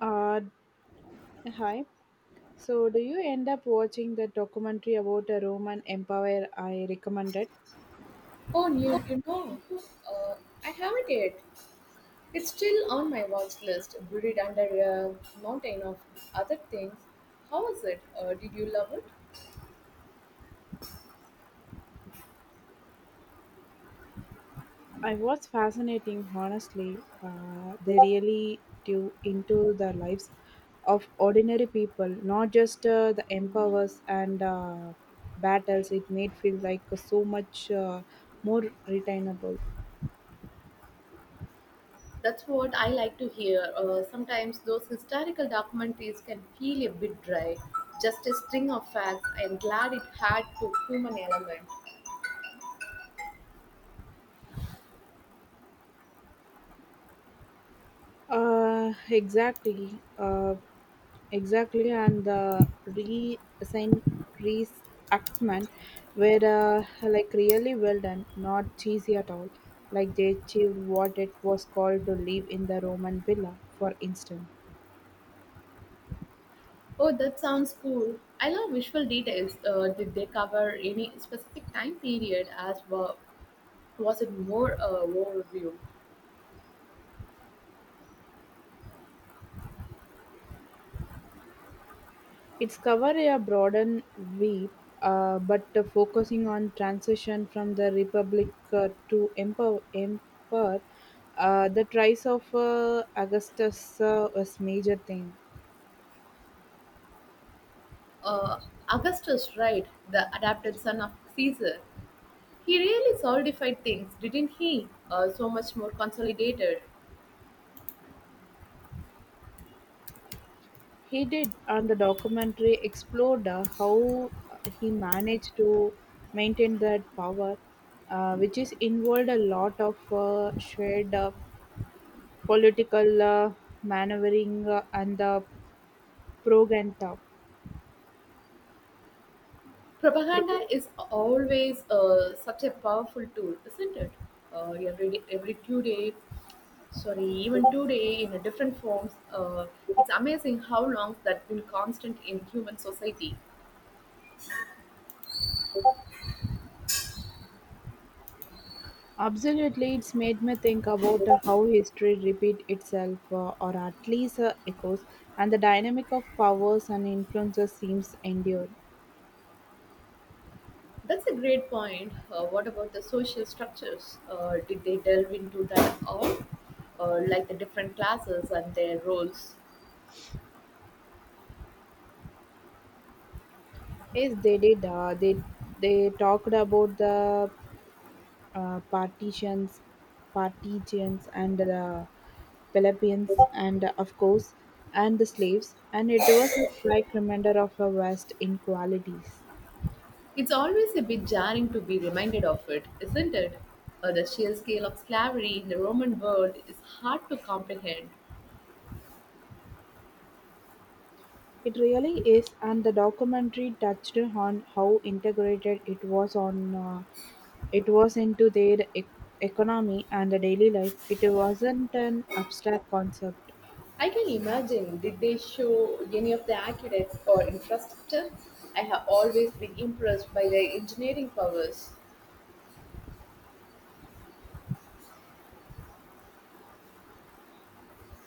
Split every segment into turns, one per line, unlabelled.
Uh, Hi. So, do you end up watching the documentary about the Roman Empire I recommended?
Oh, uh, I haven't yet. It's still on my watch list, buried under a mountain of other things. How was it? Did you love it?
I was fascinating, honestly. They really do into the lives of ordinary people, not just the empires and battles. It made feel like so much more retainable.
That's what I like to hear. Sometimes those historical documentaries can feel a bit dry, just a string of facts. I'm glad it had to human element.
Exactly. Exactly. And the re-assign reenactment were like really well done, not cheesy at all. Like they achieved what it was called to live in the Roman villa, for instance.
Oh, that sounds cool. I love visual details. Did they cover any specific time period as well? Was it more overview?
It's cover a broader sweep, but focusing on transition from the republic to emperor, the rise of Augustus was major thing.
uh, Augustus, right, the adopted son of Caesar, he really solidified things, didn't he? So much more consolidated.
He did, and the documentary explored how he managed to maintain that power, which is involved a lot of shared political maneuvering and the propaganda.
Propaganda
propaganda.
is always such a powerful tool, isn't it? Every day, every two days, sorry, even today in a different forms. It's amazing how long that's been constant in human society.
Absolutely, it's made me think about how history repeat itself, or at least echoes, and the dynamic of powers and influences seems endured.
That's a great point. What about the social structures? Did they delve into that at all? Like the different classes and their roles?
Yes, they did. They talked about the uh, partitions, partitions, and the Philippians, and of course, and the slaves. And it was a stark reminder of our vast inequalities.
It's always a bit jarring to be reminded of it, isn't it? The sheer scale of slavery in the Roman world is hard to comprehend.
It really is, and the documentary touched on how integrated it was on it was into their economy and the daily life. It wasn't an abstract concept.
I can imagine. Did they show any of the aqueducts or infrastructure? I have always been impressed by their engineering powers.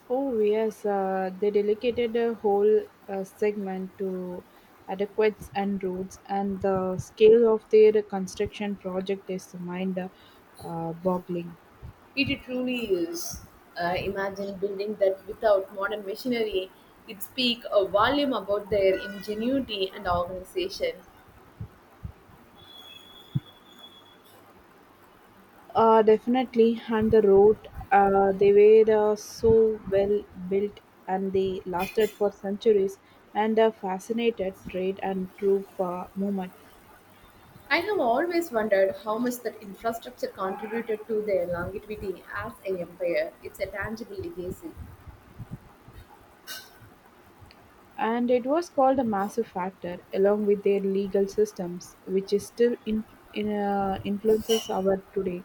Oh, yes, they dedicated a whole segment to adequates and roads, and the scale of their construction project is mind boggling.
It truly is. Imagine building that without modern machinery. It speaks a volume about their ingenuity and organization.
Definitely, and the road, they were so well built and they lasted for centuries and fascinated trade and troop movement.
I have always wondered how much that infrastructure contributed to their longevity as an empire. It's a tangible legacy.
And it was called a massive factor, along with their legal systems, which is still in, influences our today.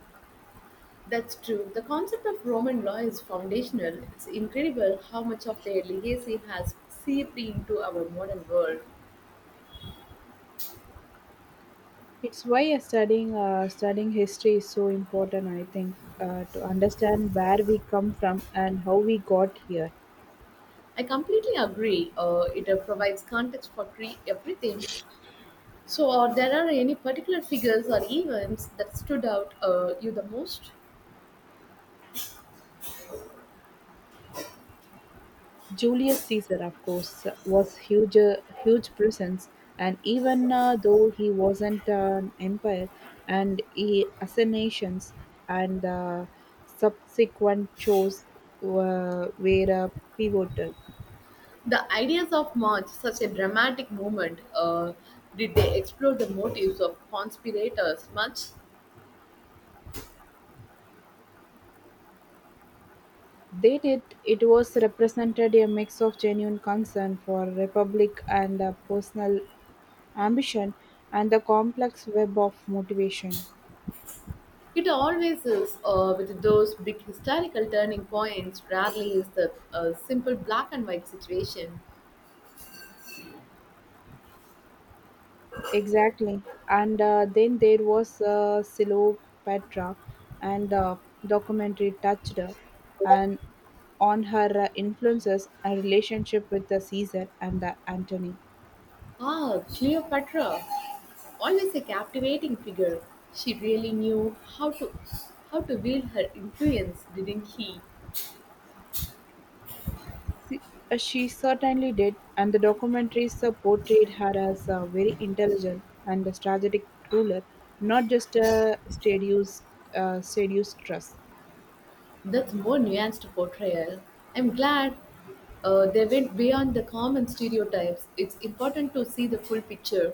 That's true. The concept of Roman law is foundational. It's incredible how much of their legacy has seeped into our modern world.
It's why studying history is so important, I think, to understand where we come from and how we got here.
I completely agree. It provides context for everything. So, are there are any particular figures or events that stood out you the most?
Julius Caesar, of course, was huge, huge presence, and even though he wasn't an empire, and he assassinations and subsequent shows were pivotal.
The ideas of March, such a dramatic moment, did they explore the motives of conspirators much?
They did. It was represented a mix of genuine concern for republic and personal ambition, and the complex web of motivation.
It always is with those big historical turning points. Rarely is the simple black and white situation.
Exactly. And then there was Cleopatra and documentary touched her and on her influences and relationship with the Caesar and the Antony.
Ah, Cleopatra, always a captivating figure. She really knew how to wield her influence, didn't he?
She, she certainly did, and the documentaries portrayed her as a very intelligent and a strategic ruler, not just a seduced, seduced trust.
That's more nuanced portrayal. I'm glad they went beyond the common stereotypes. It's important to see the full picture.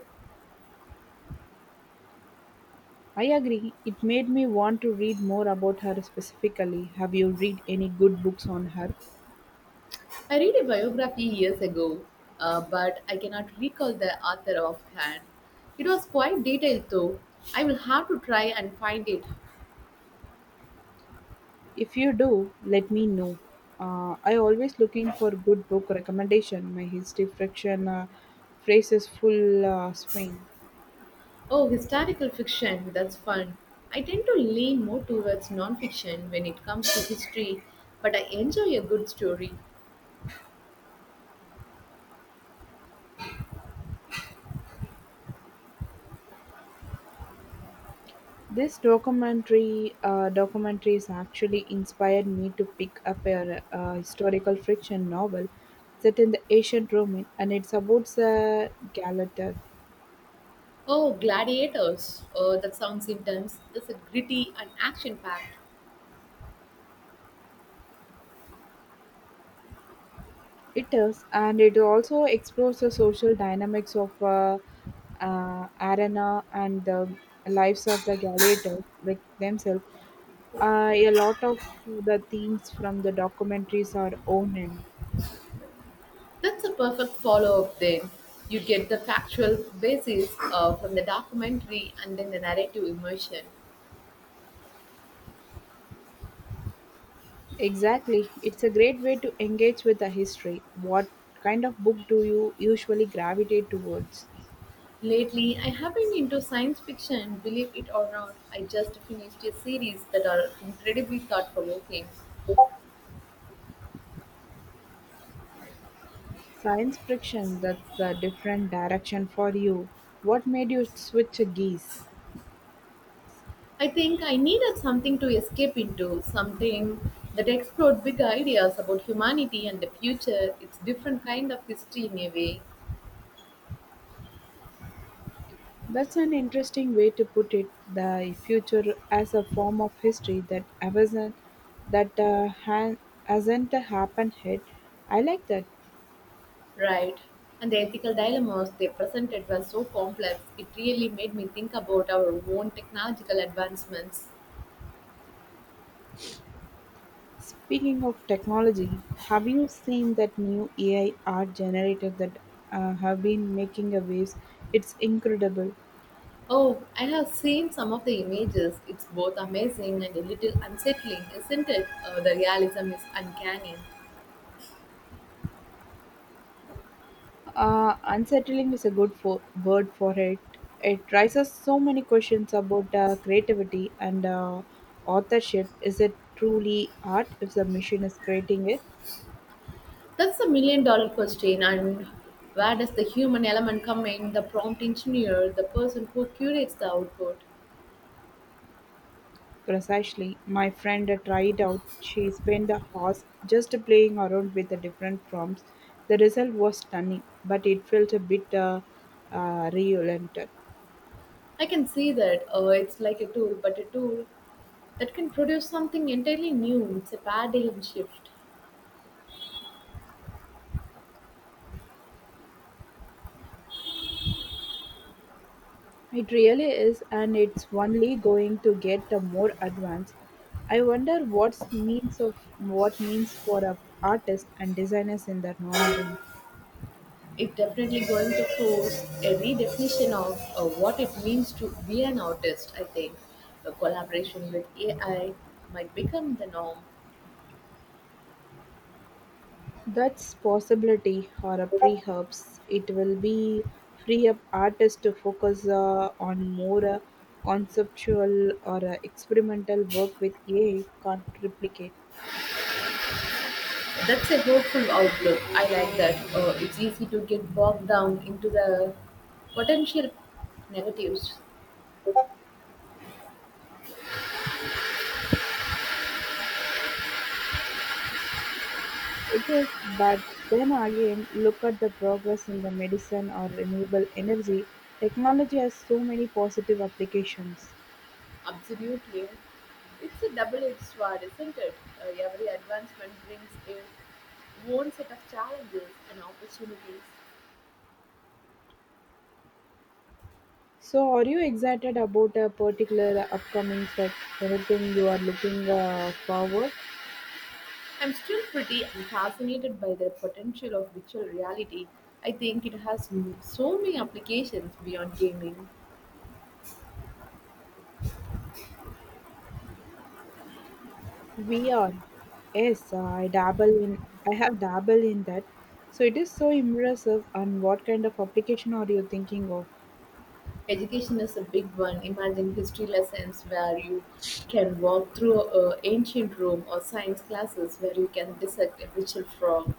I agree. It made me want to read more about her specifically. Have you read any good books on her?
I read a biography years ago, but I cannot recall the author offhand. It was quite detailed, though. I will have to try and find it.
If you do, let me know. I always looking for good book recommendation. My history friction phrases full swing.
Oh, historical fiction, that's fun. I tend to lean more towards non fiction when it comes to history, but I enjoy a good story.
This documentary documentaries actually inspired me to pick up a, historical fiction novel set in the ancient Roman, and it's about the Galata.
Oh, Gladiators. Oh, that sounds intense. Is it gritty and action packed?
It is, and it also explores the social dynamics of arena and the lives of the gladiators like themselves. A lot of the themes from the documentaries are own in.
That's a perfect follow up then. You get the factual basis from the documentary and then the narrative immersion.
Exactly, it's a great way to engage with the history. What kind of book do you usually gravitate towards?
Lately, I have been into science fiction, believe it or not. I just finished a series that are incredibly thought provoking.
Science fiction. That's a different direction for you. What made you switch geese?
I think I needed something to escape into, something that explored big ideas about humanity and the future. It's different kind of history in a way.
That's an interesting way to put it. The future as a form of history that hasn't that ha- hasn't happened yet. I like that.
Right. And the ethical dilemmas they presented were so complex, it really made me think about our own technological advancements.
Speaking of technology, have you seen that new AI art generators that have been making a waves? It's incredible.
Oh, I have seen some of the images. It's both amazing and a little unsettling, isn't it? The realism is uncanny.
Unsettling is a word for it. It raises so many questions about creativity and authorship. Is it truly art if the machine is creating it?
That's a million dollar question. And where does the human element come in? The prompt engineer, the person who curates the output.
Precisely. My friend tried out. She spent a hours just playing around with the different prompts. The result was stunning, but it felt a bit reluctant.
I can see that it's like a tool, but a tool that can produce something entirely new. It's a paradigm shift.
It really is, and it's only going to get more advanced. I wonder what's means of what means for a artists and designers in the long run.
It's definitely going to force a redefinition of what it means to be an artist, I think. The collaboration with AI might become the norm.
That's possibility or a perhaps it will be free up artists to focus on more conceptual or experimental work with AI can't replicate.
That's a hopeful outlook. I like that. It's easy to get bogged down into the potential negatives.
It is, but then again, look at the progress in the medicine or renewable energy. Technology has so many positive applications.
Absolutely. It's a double edged sword, isn't it? Every advancement brings its own set of challenges and opportunities.
So, are you excited about a particular upcoming tech? Anything you are looking forward?
I'm still pretty fascinated by the potential of virtual reality. I think it has so many applications beyond gaming.
We are. Yes, I dabble in. I have dabble in that. So it is so impressive. And what kind of application are you thinking of?
Education is a big one. Imagine history lessons where you can walk through a ancient Rome or science classes where you can dissect a virtual frog,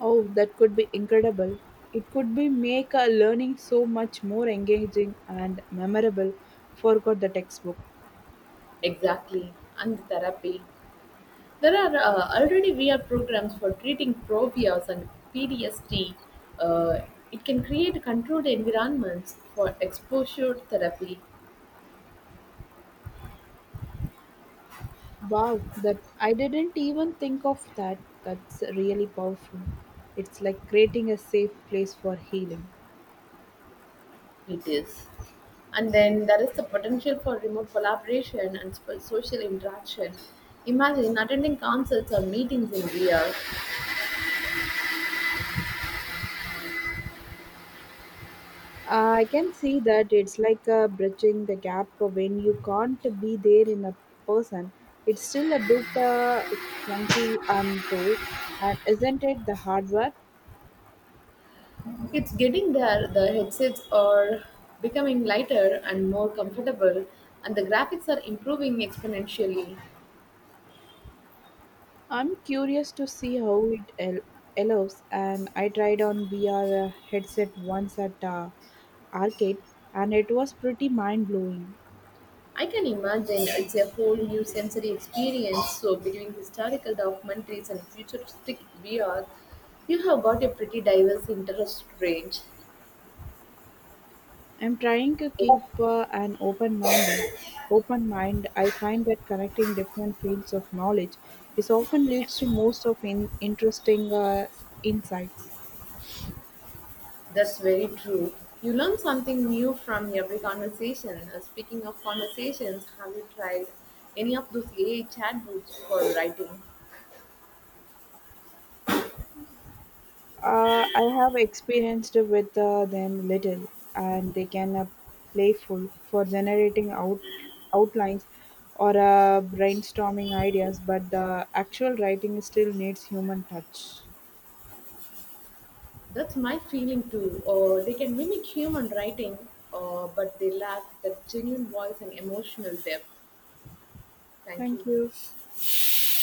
Oh, that could be incredible. It could be make learning so much more engaging and memorable. Forgot the textbook.
exactly, and therapy. There are already VR programs for treating phobias and PTSD. Uh, it can create controlled environments for exposure therapy.
Wow, that I didn't even think of that. That's really powerful. It's like creating a safe place for healing.
It is. And then there is the potential for remote collaboration and social interaction. Imagine attending concerts or meetings in VR.
I can see that it's like bridging the gap when you can't be there in a person. It's still a bit clunky and though, and isn't it the hard work?
It's getting there, the headsets are becoming lighter and more comfortable, and the graphics are improving exponentially.
I'm curious to see how evolves, and I tried on VR headset once at arcade, and it was pretty mind blowing.
I can imagine it's a whole new sensory experience. So, between historical documentaries and futuristic VR, you have got a pretty diverse interest range.
I'm trying to keep an open mind. I find that connecting different fields of knowledge is often leads to most of interesting insights.
That's very true. You learn something new from every conversation. Speaking of conversations, have you tried any of those AI chatbots for writing?
I have experienced with them little, and they can playful for generating outlines or brainstorming ideas, but the actual writing still needs human touch.
That's my feeling too. They can mimic human writing, but they lack that genuine voice and emotional depth. Thank
Thank
you.
you.